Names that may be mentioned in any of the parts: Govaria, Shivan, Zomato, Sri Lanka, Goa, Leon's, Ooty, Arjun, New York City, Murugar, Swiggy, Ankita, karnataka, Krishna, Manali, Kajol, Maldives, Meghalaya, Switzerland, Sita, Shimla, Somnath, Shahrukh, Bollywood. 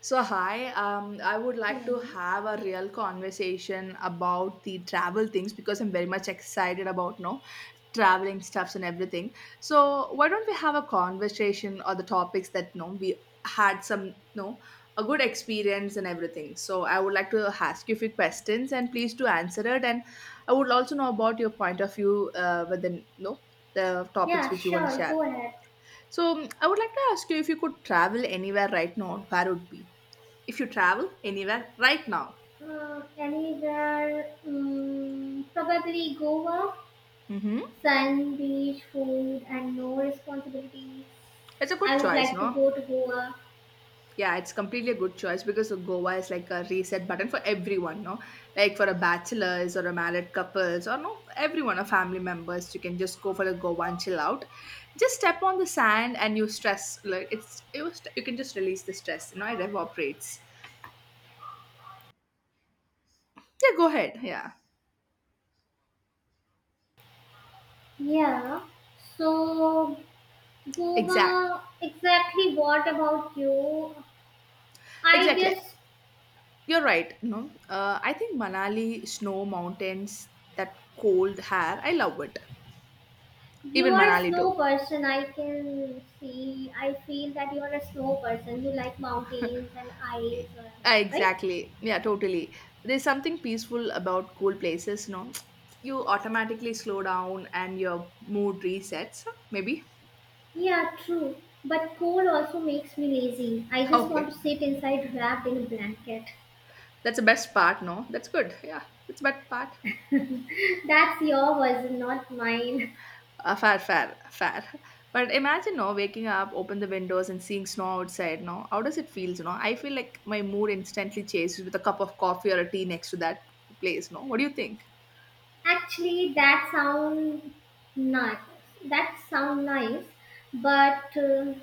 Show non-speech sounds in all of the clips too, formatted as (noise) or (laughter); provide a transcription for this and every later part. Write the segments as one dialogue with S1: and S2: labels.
S1: So, hi, I would like
S2: Hello.
S1: to have a real conversation about the travel things because I'm very much excited about no traveling stuffs and everything. So, why don't we have a conversation or the topics that no we had some no a good experience and everything. So, I would like to ask you a few questions and please to answer it. And I would also know about your point of view within no the topics
S2: Yeah,
S1: which you want to
S2: sure.
S1: share.
S2: Go ahead.
S1: So, I would like to ask you if you could travel anywhere right now, where would be? If you travel anywhere right now.
S2: Uh, Anywhere, probably Goa,
S1: Mm-hmm.
S2: sun, beach, food, and no responsibilities.
S1: It's a good
S2: I would
S1: choice,
S2: like to
S1: no?
S2: go to Goa.
S1: Yeah, it's completely a good choice because Goa is like a reset button for everyone, no? Like for a bachelors or a married couples or no, everyone, a family members, you can just go for the Goa and chill out. Just step on the sand and you stress, like it's, it was, you can just release the stress, you know, it evaporates. Yeah, go ahead. Yeah,
S2: Yeah. So,
S1: exact.
S2: Goa, exactly what about you? I
S1: Exactly.
S2: guess
S1: You're right. No, I think Manali, snow, mountains, that cold hair, I love it. Even
S2: you are a
S1: Manali
S2: snow
S1: too.
S2: person. I can see. I feel that you are a snow person. You like mountains and ice,
S1: Ah,
S2: right?
S1: exactly. Yeah, totally. There's something peaceful about cool places, no? You automatically slow down and your mood resets, maybe.
S2: Yeah, true. But cold also makes me lazy. I just
S1: Okay.
S2: want to sit inside wrapped in a blanket.
S1: That's the best part, no? That's good. Yeah, it's best part.
S2: (laughs) That's your version, not mine.
S1: Fair, fair, fair. But imagine, no, waking up, open the windows and seeing snow outside, no? How does it feels, no? I feel like my mood instantly changes with a cup of coffee or a tea next to that place, no? What do you think?
S2: (laughs) Actually, that sound nice. That sound nice, but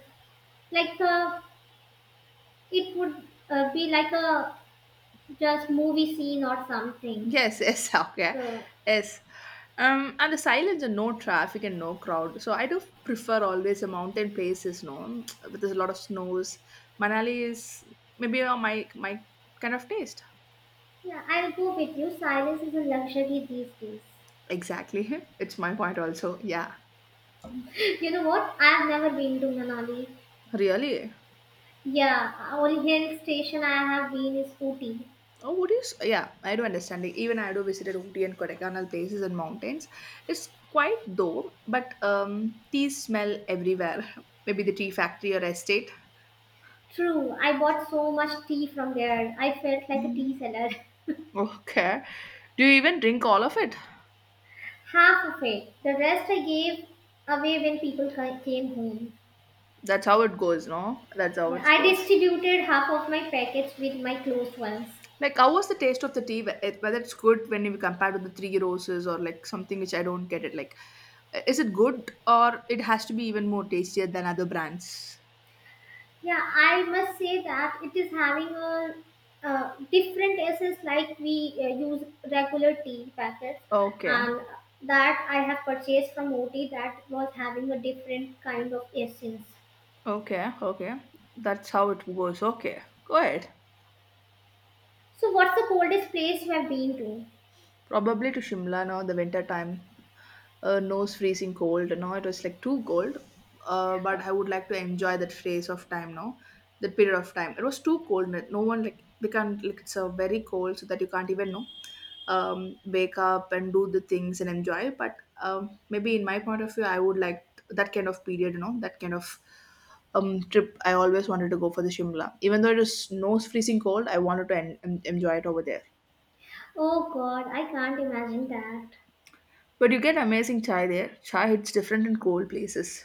S2: like a, it would be like a just movie scene or something.
S1: Yes, yes, (laughs) okay.
S2: So
S1: Yes. And the silence and no traffic and no crowd. So I do prefer always the mountain places, no, (tsk) but there's a lot of snows. Manali is maybe my kind of taste.
S2: yeah, I'll go with you. Silence is a luxury these days.
S1: Exactly. (laughs) It's my point also. Yeah.
S2: (laughs) You know what? I've never been to Manali.
S1: Really?
S2: Yeah, only hill station I have been is Ooty.
S1: Oh, what is? Yeah, I do understand. Like, even I do visited Ooty and Kodaikanal places and mountains. It's quite though, but tea smell everywhere. (laughs) Maybe the tea factory or estate.
S2: True, I bought so much tea from there. I felt like a tea seller.
S1: Okay. Do you even drink all of it?
S2: (laughs) Half of it. The rest I gave away when people came home.
S1: That's how it goes, no? That's how
S2: Yeah,
S1: it
S2: I
S1: goes.
S2: distributed half of my packets with my close ones.
S1: Like, how was the taste of the tea? Whether it's good when you compare to the three roses or like something which I don't get it. Like, is it good or it has to be even more tastier than other brands?
S2: Yeah, I must say that it is having a different essence like we use regular tea packets
S1: Okay.
S2: and that I have purchased from OT that was having a different kind of essence.
S1: Okay. Okay. That's how it goes. Okay. Go ahead.
S2: So, what's the coldest place you have been to?
S1: Probably to Shimla now the winter time. Nose freezing cold. Now it was like too cold. But I would like to enjoy that phase of time now, that period of time. It was too cold. No no one like we can't like it's very cold so that you can't even know. Wake up and do the things and enjoy. But maybe in my point of view, I would like that kind of period. You know that kind of trip. I always wanted to go for the Shimla, even though it was nose freezing cold. I wanted to enjoy it over there.
S2: Oh God, I can't imagine that.
S1: But you get amazing chai there. Chai hits different in cold places.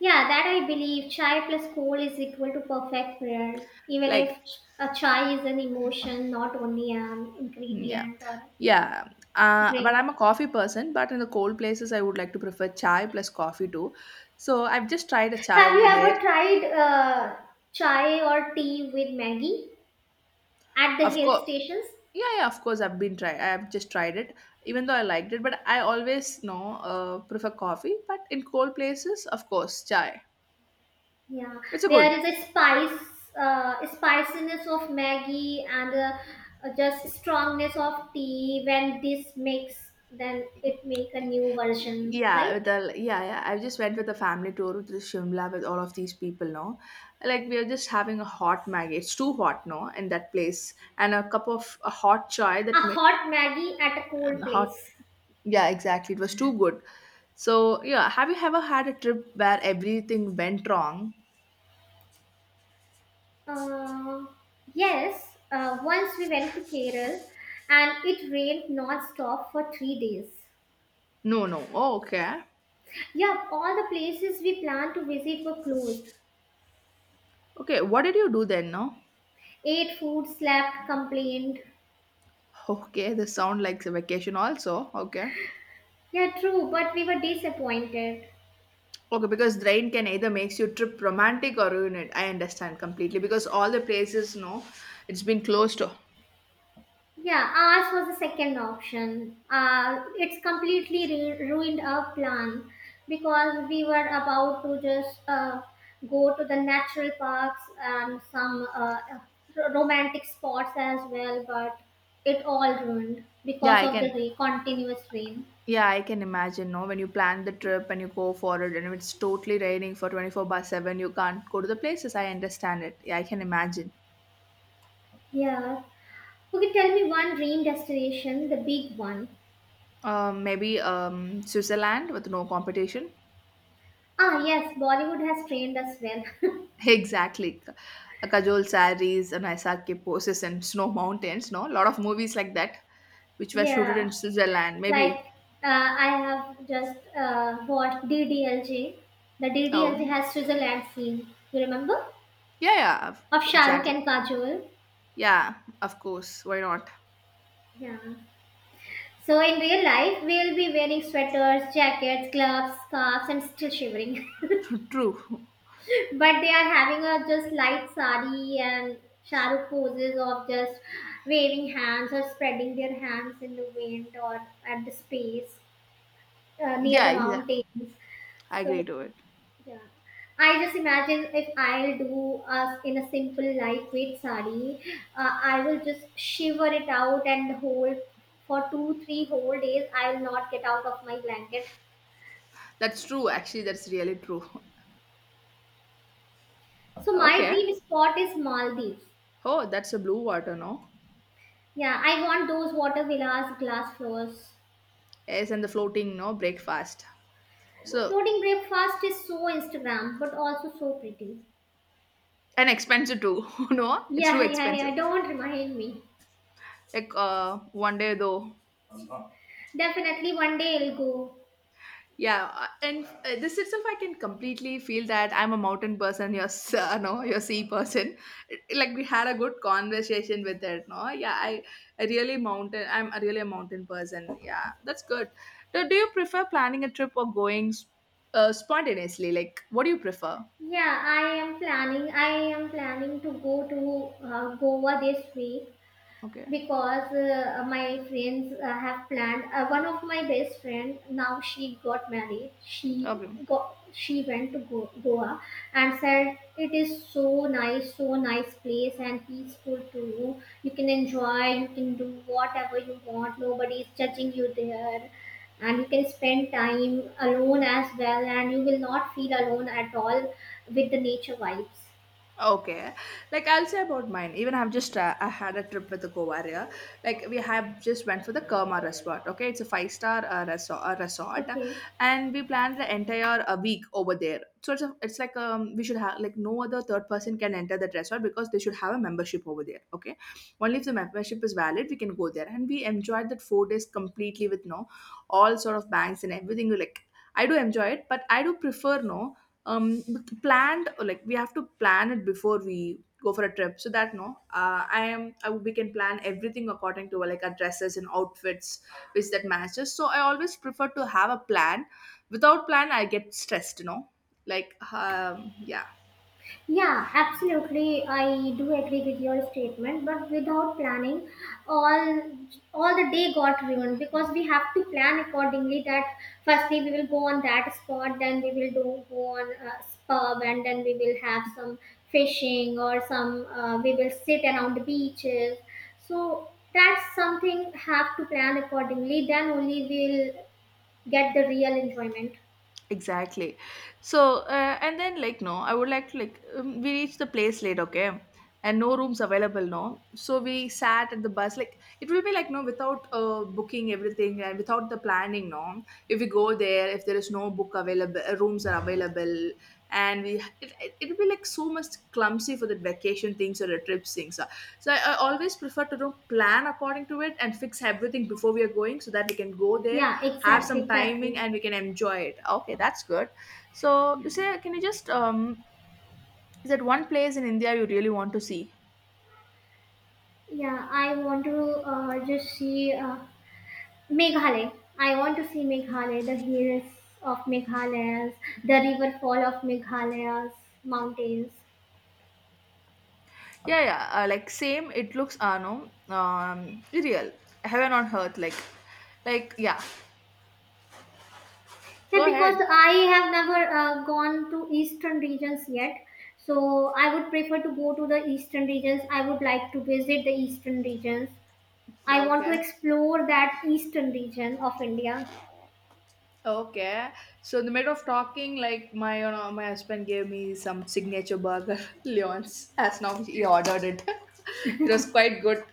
S2: Yeah, that I believe chai plus cold is equal to perfect prayer. Even if
S1: Like,
S2: a chai is an emotion, not only an
S1: mm, yeah,
S2: ingredient or
S1: yeah. But
S2: drink.
S1: I'm a coffee person. But in the cold places, I would like to prefer chai plus coffee too. So I've just tried a chai
S2: Have you
S1: over there.
S2: ever tried chai or tea with Maggie at the
S1: Of
S2: hill
S1: course,
S2: stations?
S1: yeah, yeah. Of course, I've been try. I've just tried it, even though I liked it. But I always no prefer coffee. But in cold places, of course, chai.
S2: Yeah,
S1: It's a good.
S2: there is a spiciness of Maggie and just strongness of tea. When this mix, then it make a new version,
S1: Yeah,
S2: right?
S1: with the yeah, yeah. I just went with the family tour to the Shimla with all of these people, no? Like we are just having a hot Maggi. It's too hot, no, in that place. And a cup of a hot chai
S2: A
S1: that may
S2: hot Maggie at a cold
S1: and hot
S2: place.
S1: yeah, exactly. It was too good. So yeah, have you ever had a trip where everything went wrong?
S2: Uh, yes, once we went to Kerala, and it rained non-stop for 3 days.
S1: No, no. Oh, okay.
S2: Yeah, all the places we planned to visit were closed.
S1: Okay, what did you do then, no?
S2: Ate food, slept, complained.
S1: Okay, this sound like a vacation also. Okay.
S2: Yeah, true, but we were disappointed.
S1: Okay, because drain can either makes you trip romantic or ruin it. I understand completely because all the places, no, it's been closed.
S2: Yeah, ours was the second option. It's completely ruined our plan because we were about to just go to the natural parks and some romantic spots as well, but it all ruined
S1: Yeah,
S2: because
S1: I
S2: of the
S1: can.
S2: continuous rain.
S1: Yeah, I can imagine. No, when you plan the trip and you go for it, and if it's totally raining for 24/7, you can't go to the places. I understand it. Yeah, I can imagine.
S2: Yeah. Okay, tell me one dream destination, the big one.
S1: Maybe Switzerland with no competition.
S2: Ah, yes, Bollywood has trained us well.
S1: (laughs) Exactly. A Kajol sarees and Aisake poses and snow mountains. No, a lot of movies like that,
S2: (laughs)
S1: which were shooted
S2: Yeah.
S1: in Switzerland.
S2: Like,
S1: Maybe.
S2: I have just watched ddlj. The DDLJ
S1: Oh.
S2: has Switzerland scene, you remember,
S1: Yeah, yeah, of-
S2: of Shahrukh
S1: exactly.
S2: and Kajol.
S1: Yeah, of course. Why not?
S2: Yeah, so in real life we'll be wearing sweaters, jackets, gloves, scarves, and still shivering.
S1: (laughs) True.
S2: (laughs) But they are having a just light sari and Shahrukh poses of just waving hands or spreading their hands in the wind or at the space near
S1: Yeah,
S2: the
S1: yeah.
S2: mountains.
S1: I
S2: So,
S1: agree to it.
S2: yeah. I just imagine if I'll do us in a simple lightweight sari, I will just shiver it out and hold for two, three whole days. I will not get out of my blanket.
S1: That's true. Actually, that's really true.
S2: So my
S1: Okay.
S2: dream spot is Maldives.
S1: Oh, that's a blue water, no?
S2: Yeah, I want those water villas, glass floors.
S1: Yes, and the floating, no, breakfast. So,
S2: Floating breakfast is so Instagram, but also so pretty.
S1: and expensive too, (laughs) no? It's too
S2: Yeah, (laughs) yeah,
S1: expensive.
S2: yeah. Don't remind me.
S1: Like, one day though.
S2: Definitely one day I'll go.
S1: Yeah, and this itself, I can completely feel that I'm a mountain person. You're, (laughs) no, you're sea person. It- Like we had a good conversation with it. No, yeah, I really mountain. I'm a really a mountain person. Yeah, that's good. Do you prefer planning a trip or going spontaneously? Like, what do you prefer?
S2: Yeah, I am planning. I am planning to go to Goa this week
S1: Okay.
S2: because my friends have planned, one of my best friend, now she got married,
S1: Okay.
S2: she went to Goa and said it is so nice, so nice place and peaceful too. You can enjoy, you can do whatever you want, nobody is judging you there, and you can spend time alone as well and you will not feel alone at all with the nature vibes.
S1: Okay, like I'll say about mine. Even I had a trip with the Govaria. Like we have just went for the Karma Resort. Okay, it's a five star resort,
S2: Okay.
S1: and we planned the entire week over there. So it's, a, it's like we should have like no other third person can enter that resort because they should have a membership over there. Okay, only if the membership is valid we can go there. And we enjoyed that 4 days completely with no all sort of banks and everything. Like I do enjoy it, but I do prefer no um planned like we have to plan it before we go for a trip so that no we can plan everything according to like our dresses and outfits which that matches so I always prefer to have a plan without plan I get stressed you know like yeah
S2: Yeah, absolutely. I do agree with your statement, but without planning, all all the day got ruined because we have to plan accordingly. That firstly we will go on that spot, then we will do go on pub, and then we will have some fishing or some. We will sit around the beaches. So that's something have to plan accordingly. Then only we'll get the real enjoyment.
S1: exactly so and then like no I would like to like we reached the place late okay and no rooms available no so we sat at the bus like it will be like no without booking everything and without the planning no if we go there if there is no book available rooms are available and we it'll be like so much clumsy for the vacation things or the trip things so so I always prefer to do plan according to it and fix everything before we are going so that we can go there
S2: Yeah,
S1: have
S2: exactly,
S1: some timing
S2: exactly.
S1: and we can enjoy it okay that's good so you say can you just is that one place in india you really want to see
S2: Yeah, I want to just see Meghalaya. I want to see Meghalaya, the hills of Meghalaya, the river fall of Meghalaya's mountains.
S1: yeah yeah like same it looks no real heaven on earth like yeah
S2: Yeah,
S1: go
S2: because
S1: ahead
S2: I have never gone to eastern regions yet. So I would prefer to go to the eastern regions. I would like to visit the eastern regions. I want to
S1: okay
S2: explore that eastern region of India,
S1: okay, so in the middle of talking, like my husband gave me some signature burger, (laughs) Leon's. As now he ordered it. (laughs) It was quite good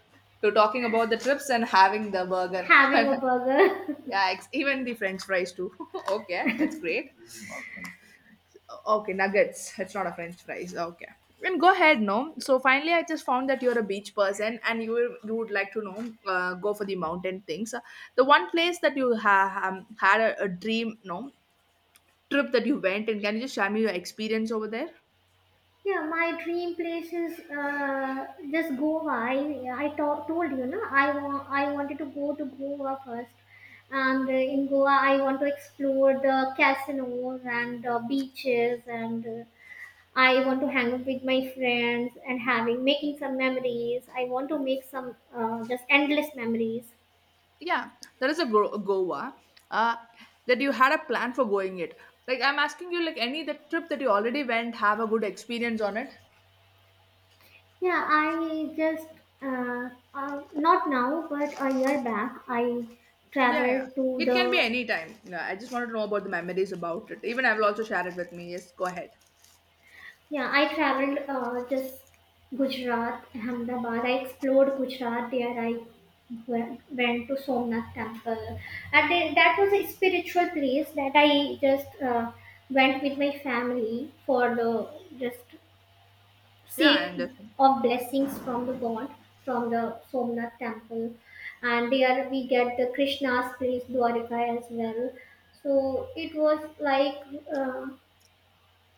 S1: to talking about the trips and having the burger.
S2: having
S1: (laughs)
S2: a burger. (laughs)
S1: Yeah, ex- even the French fries too. (laughs) Okay, that's great. Okay, nuggets. It's not a French fries. Okay. And go ahead, no. So finally, I just found that you're a beach person, and you would like to know go for the mountain things. The one place that you had a dream, no trip that you went, and can you just share me your experience over there?
S2: Yeah, my dream place is just Goa. I told you, no, I wanted to go to Goa first. And in Goa, I want to explore the casinos and beaches, and I want to hang out with my friends and having making some memories. I want to make some just endless memories.
S1: Yeah, there is a Go- Goa. Uh, that you had a plan for going it. Like I'm asking you, like any the trip that you already went, have a good experience on it.
S2: Yeah, I just not now, but a year back, I
S1: Yeah, yeah.
S2: traveled to
S1: It can be
S2: the.
S1: any time. Yeah, I just wanted to know about the memories about it. Even I will also share it with me. Yes, go ahead.
S2: Yeah, I traveled just Gujarat, Ahmedabad. I explored Gujarat there. I went to Somnath temple, and then that was a spiritual place that I just went with my family for the just
S1: Yeah, I
S2: sake
S1: understand.
S2: of blessings from the God from the Somnath temple, and there we get the Krishna's place Dwarka as well. So it was like, uh,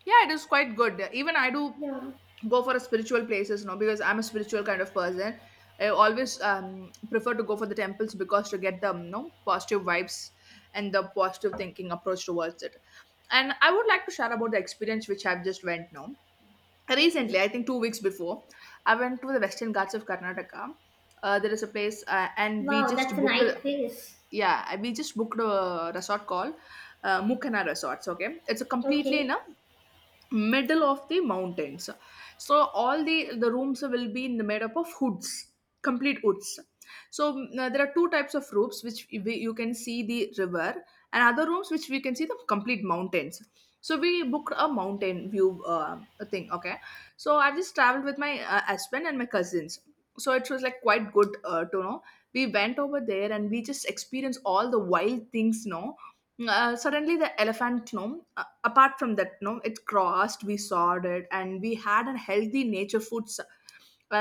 S1: Yeah, it is quite good. Even I do
S2: yeah.
S1: go for a spiritual places, you know, because I'm a spiritual kind of person. I always prefer to go for the temples because to get the you know, positive vibes and the positive thinking approach towards it. And I would like to share about the experience which I've just went now. Recently,
S2: Okay.
S1: I think two weeks before, I went to the Western Ghats of Karnataka. There is a place, and we
S2: Wow,
S1: just
S2: that's a
S1: booked
S2: nice place.
S1: yeah, we just booked a resort called Mukana Resorts. Okay, it's a completely
S2: Okay.
S1: in a middle of the mountains. So all the rooms will be in made up of hoods, complete hoods. So there are two types of roofs which you can see the river, and other rooms which we can see the complete mountains. So we booked a mountain view thing, okay. So I just traveled with my husband and my cousins. So it was like quite good to know. We went over there and we just experienced all the wild things, no. Suddenly the elephant no apart from that no, it crossed, we sawed it, and we had a healthy nature foods,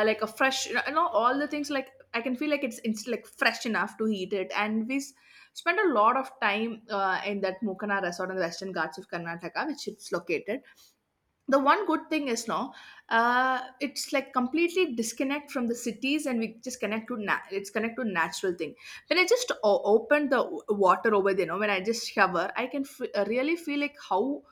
S1: like a fresh, you know, all the things like I can feel like it's like fresh enough to eat it. And spent a lot of time in that Mukana Resort in the Western Ghats of Karnataka, which it's located. The one good thing is no, it's like completely disconnect from the cities and we just connect to it's connect to natural thing. When I just opened the water over there, you know, when I just shower I can really feel like how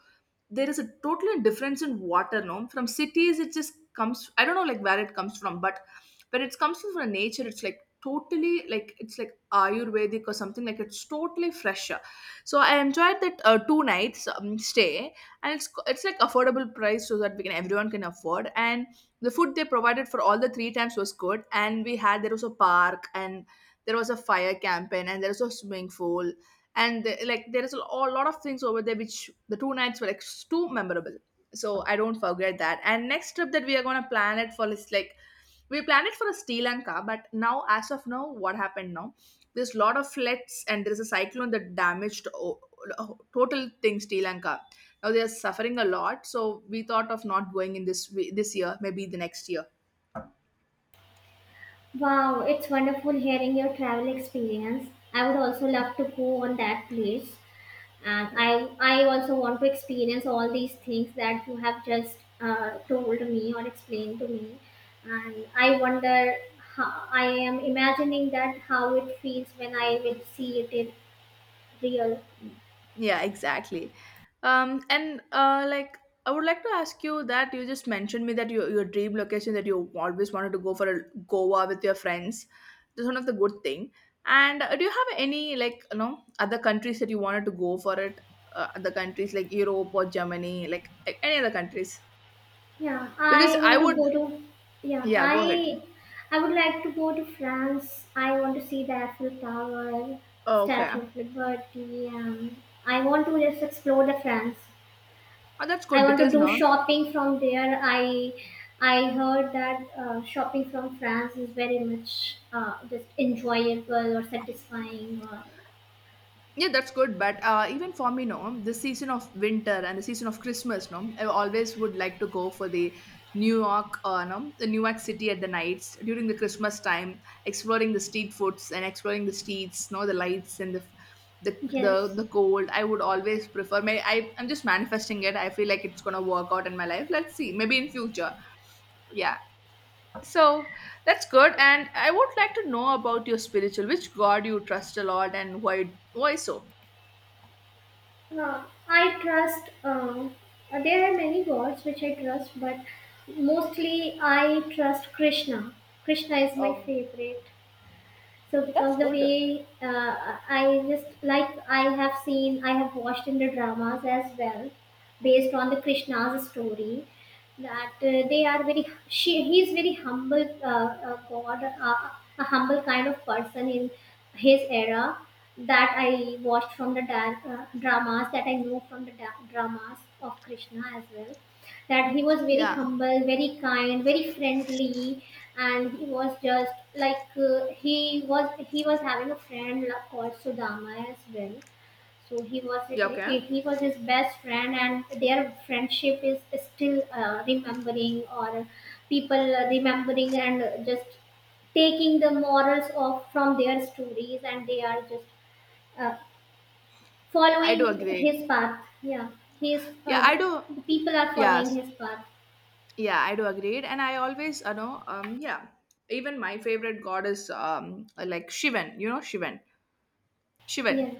S1: there is a totally difference in water, no, from cities. It just comes, I don't know like where it comes from, but when it comes from nature, it's like totally like it's like ayurvedic or something, like it's totally fresher. So I enjoyed that two nights stay. And it's like affordable price, so that we can, everyone can afford. And the food they provided for all the three times was good. And we had, there was a park, and there was a fire campaign, and there was a swimming pool, and like there is a lot of things over there, which the two nights were like too memorable. So I don't forget that. And next trip that we are going to plan it for is like, we planned it for a Sri Lanka, but now, as of now, what happened now? There's a lot of floods and there's a cyclone that damaged total thing Sri Lanka. Now they are suffering a lot, so we thought of not going in this year, maybe the next year.
S2: Wow, it's wonderful hearing your travel experience. I would also love to go on that place. And
S1: Yeah.
S2: I also want to experience all these things that you have just told me or explained to me. And I wonder, how, I am imagining that how it feels when I will see it in real.
S1: Yeah, exactly. And like I would like to ask you that you just mentioned me that your dream location that you always wanted to go for a Goa with your friends. That's one of the good thing. And do you have any, like, you know, other countries that you wanted to go for it? Other countries like Europe or Germany, like any other countries?
S2: Yeah,
S1: Because
S2: I
S1: I
S2: want to
S1: would,
S2: go to. Yeah,
S1: yeah, go ahead.
S2: I would like to go to France. I want to see the Eiffel Tower,
S1: Oh, okay,
S2: Statue of Liberty, and I want to just explore the France.
S1: oh, that's
S2: I
S1: good
S2: want to
S1: because
S2: do
S1: no.
S2: shopping from there. I heard that shopping from France is very much just enjoyable or satisfying. Or,
S1: Yeah, that's good. But even for me, no, the season of winter and the season of Christmas, no, I always would like to go for the New York, no, the New York City at the nights during the Christmas time, exploring the street foods and exploring the streets, no, the lights and the
S2: yes.
S1: the cold. I would always prefer. May I? I'm just manifesting it. I feel like it's gonna work out in my life. Let's see. Maybe in future. Yeah. So that's good. And I would like to know about your spiritual. Which God you trust a lot, and why? Why so?
S2: I trust, there are many gods which I trust, but mostly I trust Krishna. Krishna is my
S1: Oh.
S2: favorite. So
S1: That's
S2: because the
S1: good.
S2: way I just like I have seen, I have watched in the dramas as well, based on the Krishna's story, that they are very she he is very humble, God, a humble kind of person in his era that I watched from the dramas that I know from the dramas of Krishna as well, that he was very
S1: Yeah.
S2: humble, very kind, very friendly, and he was just like, he was having a friend called Sudama as well. So
S1: Yeah, okay.
S2: he was his best friend, and their friendship is still remembering, or people remembering and just taking the morals of from their stories, and they are just uh,
S1: I do
S2: following
S1: agree.
S2: his path. Yeah, he is
S1: Yeah, I do.
S2: the people are
S1: Yes.
S2: following his path.
S1: Yeah, I do agree. And I always, you know, yeah, even my favorite god is like Shivan, you know, Shivan. Shivan.
S2: Yeah.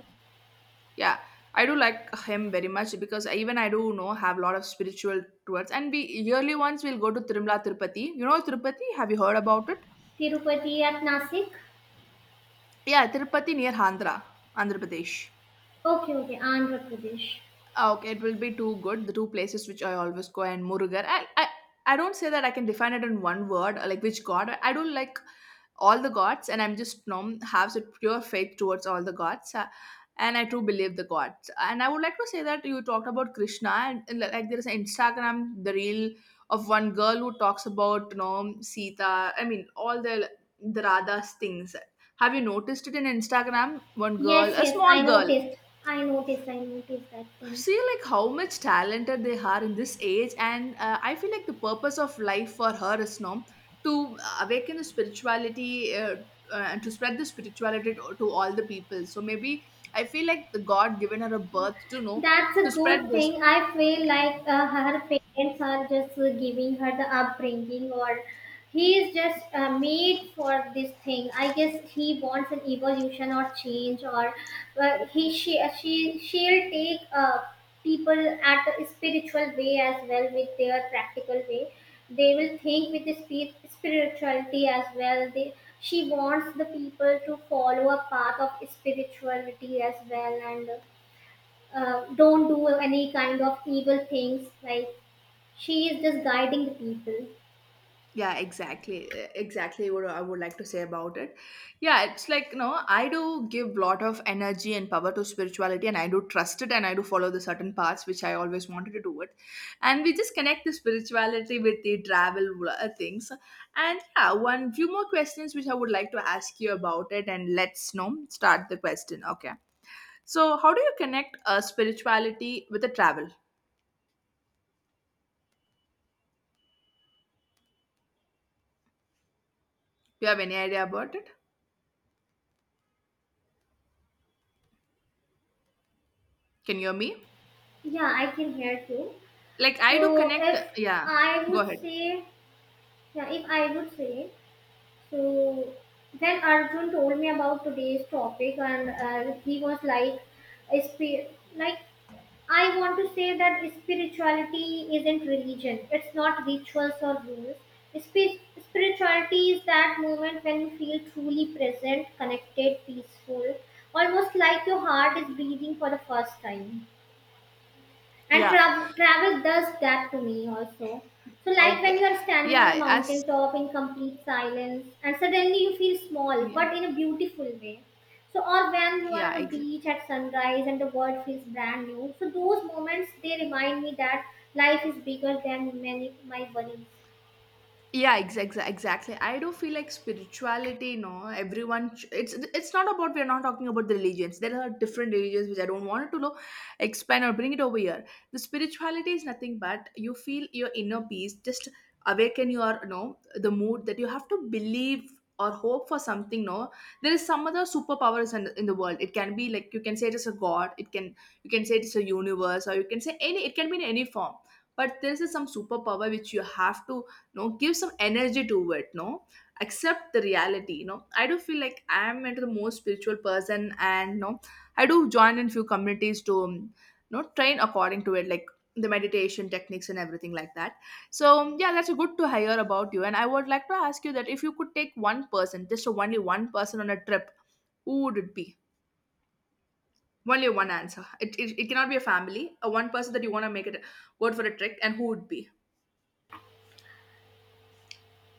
S1: Yeah, I do like him very much because even I do know have a lot of spiritual towards. And we yearly once we'll go to Tirumala, Tirupati. You know Tirupati? Have you heard about it?
S2: Tirupati at Nasik?
S1: Yeah, Tirupati near Andhra, Andhra Pradesh.
S2: Okay, okay, Andhra Pradesh.
S1: Ah, okay, it will be two good. The two places which I always go, and Murugar. I I don't say that I can define it in one word, like which god. I don't like all the gods, and I'm just nom have a pure faith towards all the gods, and I do believe the gods. And I would like to say that you talked about Krishna, and like there is an Instagram the reel of one girl who talks about, you know, Sita. I mean all the Radha's things. Have you noticed it in Instagram? One girl,
S2: Yes,
S1: a
S2: yes, I
S1: small girl,
S2: noticed. I noticed, I noticed that thing.
S1: see like how much talented they are in this age. And I feel like the purpose of life for her is now to awaken the spirituality, and to spread the spirituality to all the people. So maybe I feel like the god given her a birth to know
S2: That's
S1: to
S2: a
S1: spread
S2: good
S1: this.
S2: thing. I feel like her parents are just giving her the upbringing, or he is just made for this thing. I guess he wants an evolution or change, or he she she'll take people at a spiritual way as well with their practical way. They will think with the spirituality as well. They She wants the people to follow a path of spirituality as well and don't do any kind of evil things like she is just guiding the people.
S1: Yeah, exactly. Exactly what I would like to say about it. Yeah, it's like, you know, I do give lot of energy and power to spirituality and I do trust it and I do follow the certain paths which I always wanted to do it. And we just connect the spirituality with the travel things. And yeah, one few more questions which I would like to ask you about it. And let's, you know, start the question, okay. So how do you connect spirituality with the travel? Do you have any idea about it? Can you hear me?
S2: Yeah, I can hear you.
S1: Like I
S2: So
S1: do connect.
S2: if
S1: Yeah,
S2: I
S1: go
S2: would
S1: ahead.
S2: say, yeah, if I would say, so when Arjun told me about today's topic and he was like, sp- like, I want to say that spirituality isn't religion. It's not rituals or rules. Spirituality is that moment when you feel truly present, connected, peaceful, almost like your heart is breathing for the first time, and
S1: Yeah.
S2: travel does that to me also. So like when
S1: Okay.
S2: you are standing on a
S1: Yeah.
S2: mountain
S1: As
S2: top in complete silence and suddenly you feel small
S1: yeah.
S2: but in a beautiful way. So or when you are
S1: Yeah.
S2: on a
S1: Ex-
S2: beach at sunrise and the world feels brand new, so those moments they remind me that life is bigger than many my worries.
S1: yeah, exactly, exactly. I do feel like spirituality, no, everyone it's not about, we're not talking about the religions. There are different religions which I don't want to know, expand or bring it over here. The spirituality is nothing but you feel your inner peace, just awaken your, you know, the mood that you have to believe or hope for something, no. There is some other superpowers in the world. It can be like, you can say it is a god, it can, you can say it is a universe, or you can say any, it can be in any form. But there is some superpower which you have to no give some energy to it, no. Accept the reality, you know. I do feel like I am into the most spiritual person, and no, I do join in few communities to you know, train according to it, like the meditation techniques and everything like that. So yeah, that's good to hear about you. And I would like to ask you that if you could take one person, just only one person on a trip, who would it be? Only one answer. It cannot be a family, a one person that you want to make it go out for a trip. And who would be?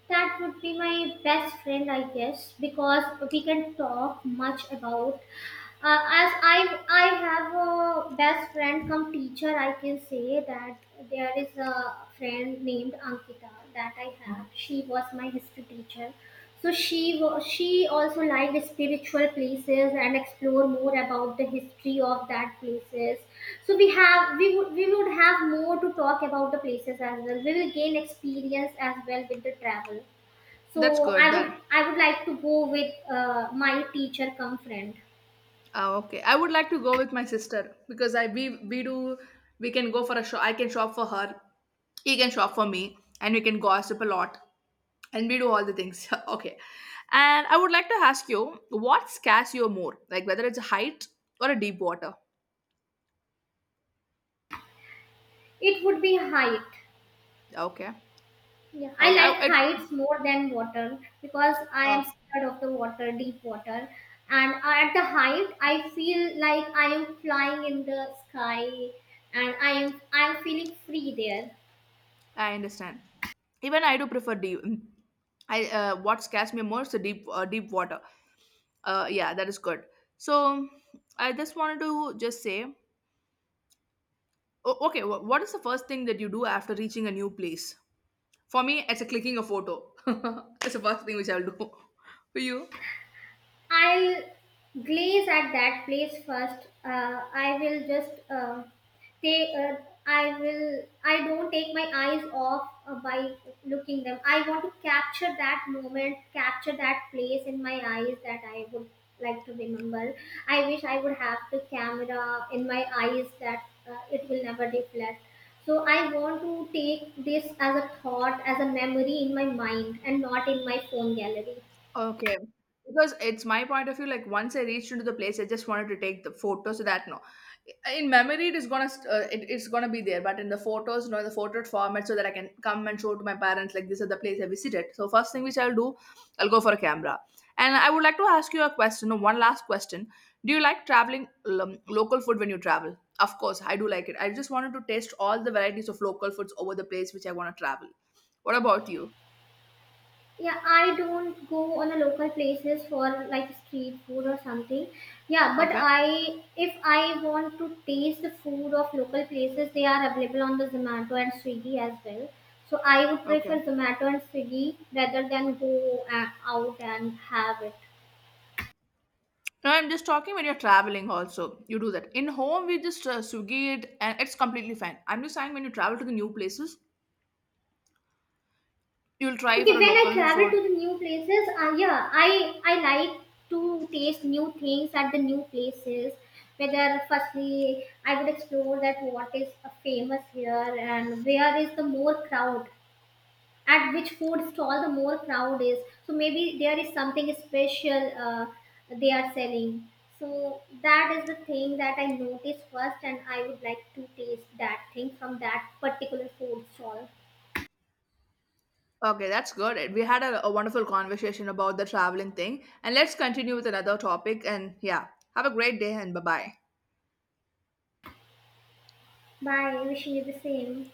S2: That would be my best friend, I guess, because we can talk much about. As I have a best friend, come teacher, I can say that there is a friend named Ankita that I have. She was my history teacher, so she also liked spiritual places and explore more about the history of that places. So we would have more to talk about the places as well. We will gain experience as well with the travel.
S1: That's
S2: So
S1: good
S2: I
S1: then.
S2: would I would like to go with my teacher come friend.
S1: Ah, okay. I would like to go with my sister because I, we do, we can go for a shop. I can shop for her. He can shop for me, and we can gossip a lot, and we do all the things. (laughs) Okay. And I would like to ask you, what scares you more, like whether it's a height or a deep water?
S2: It would be height.
S1: Okay.
S2: Yeah, I
S1: Okay.
S2: like heights more than water because I
S1: Uh,
S2: am scared of the water, deep water. And at the height, I feel like I am flying in the sky and I am feeling free there.
S1: I understand. Even I do prefer deep. I what scares me more is the deep deep water. Yeah, that is good. So I just wanted to just say. Okay, what is the first thing that you do after reaching a new place? For me, it's a clicking a photo. (laughs) It's the first thing which I'll do. (laughs) For you?
S2: I'll glaze at that place first. I will just take. I will. I don't take my eyes off by looking them. I want to capture that moment, capture that place in my eyes that I would like to remember. I wish I would have the camera in my eyes that it will never deflect. So I want to take this as a thought, as a memory in my mind, and not in my phone gallery.
S1: Okay. Because it's my point of view, like once I reached into the place, I just wanted to take the photo. So that no, in memory it is gonna it, it's gonna be there, but in the photos, no, in the photo format, so that I can come and show to my parents like this is the place I visited. So first thing which I'll do, I'll go for a camera. And I would like to ask you a question, no, one last question. Do you like traveling local food when you travel? Of course, I do like it. I just wanted to taste all the varieties of local foods over the place which I want to travel. What about you?
S2: Yeah, I don't go on a local places for like street food or something. Yeah, but
S1: Okay,
S2: I if I want to taste the food of local places, they are available on the Zomato and Swiggy as well. So I would
S1: okay.
S2: prefer Zomato and Swiggy rather than go out and have it.
S1: No, I'm just talking when you're traveling also. You do that. In home, we just Swiggy it and it's completely fine. I'm just saying when you travel to the new places, you'll try
S2: Okay,
S1: for a
S2: when I
S1: local
S2: travel
S1: food.
S2: to the new places, yeah, I like to taste new things at the new places. Whether firstly, I would explore that what is famous here and where is the more crowd. At which food stall the more crowd is. So maybe there is something special, they are selling. So that is the thing that I notice first, and I would like to taste that thing from that particular food stall.
S1: Okay, that's good. We had a wonderful conversation about the traveling thing. And let's continue with another topic. And yeah, have a great day and bye bye.
S2: Bye. Wishing you the same.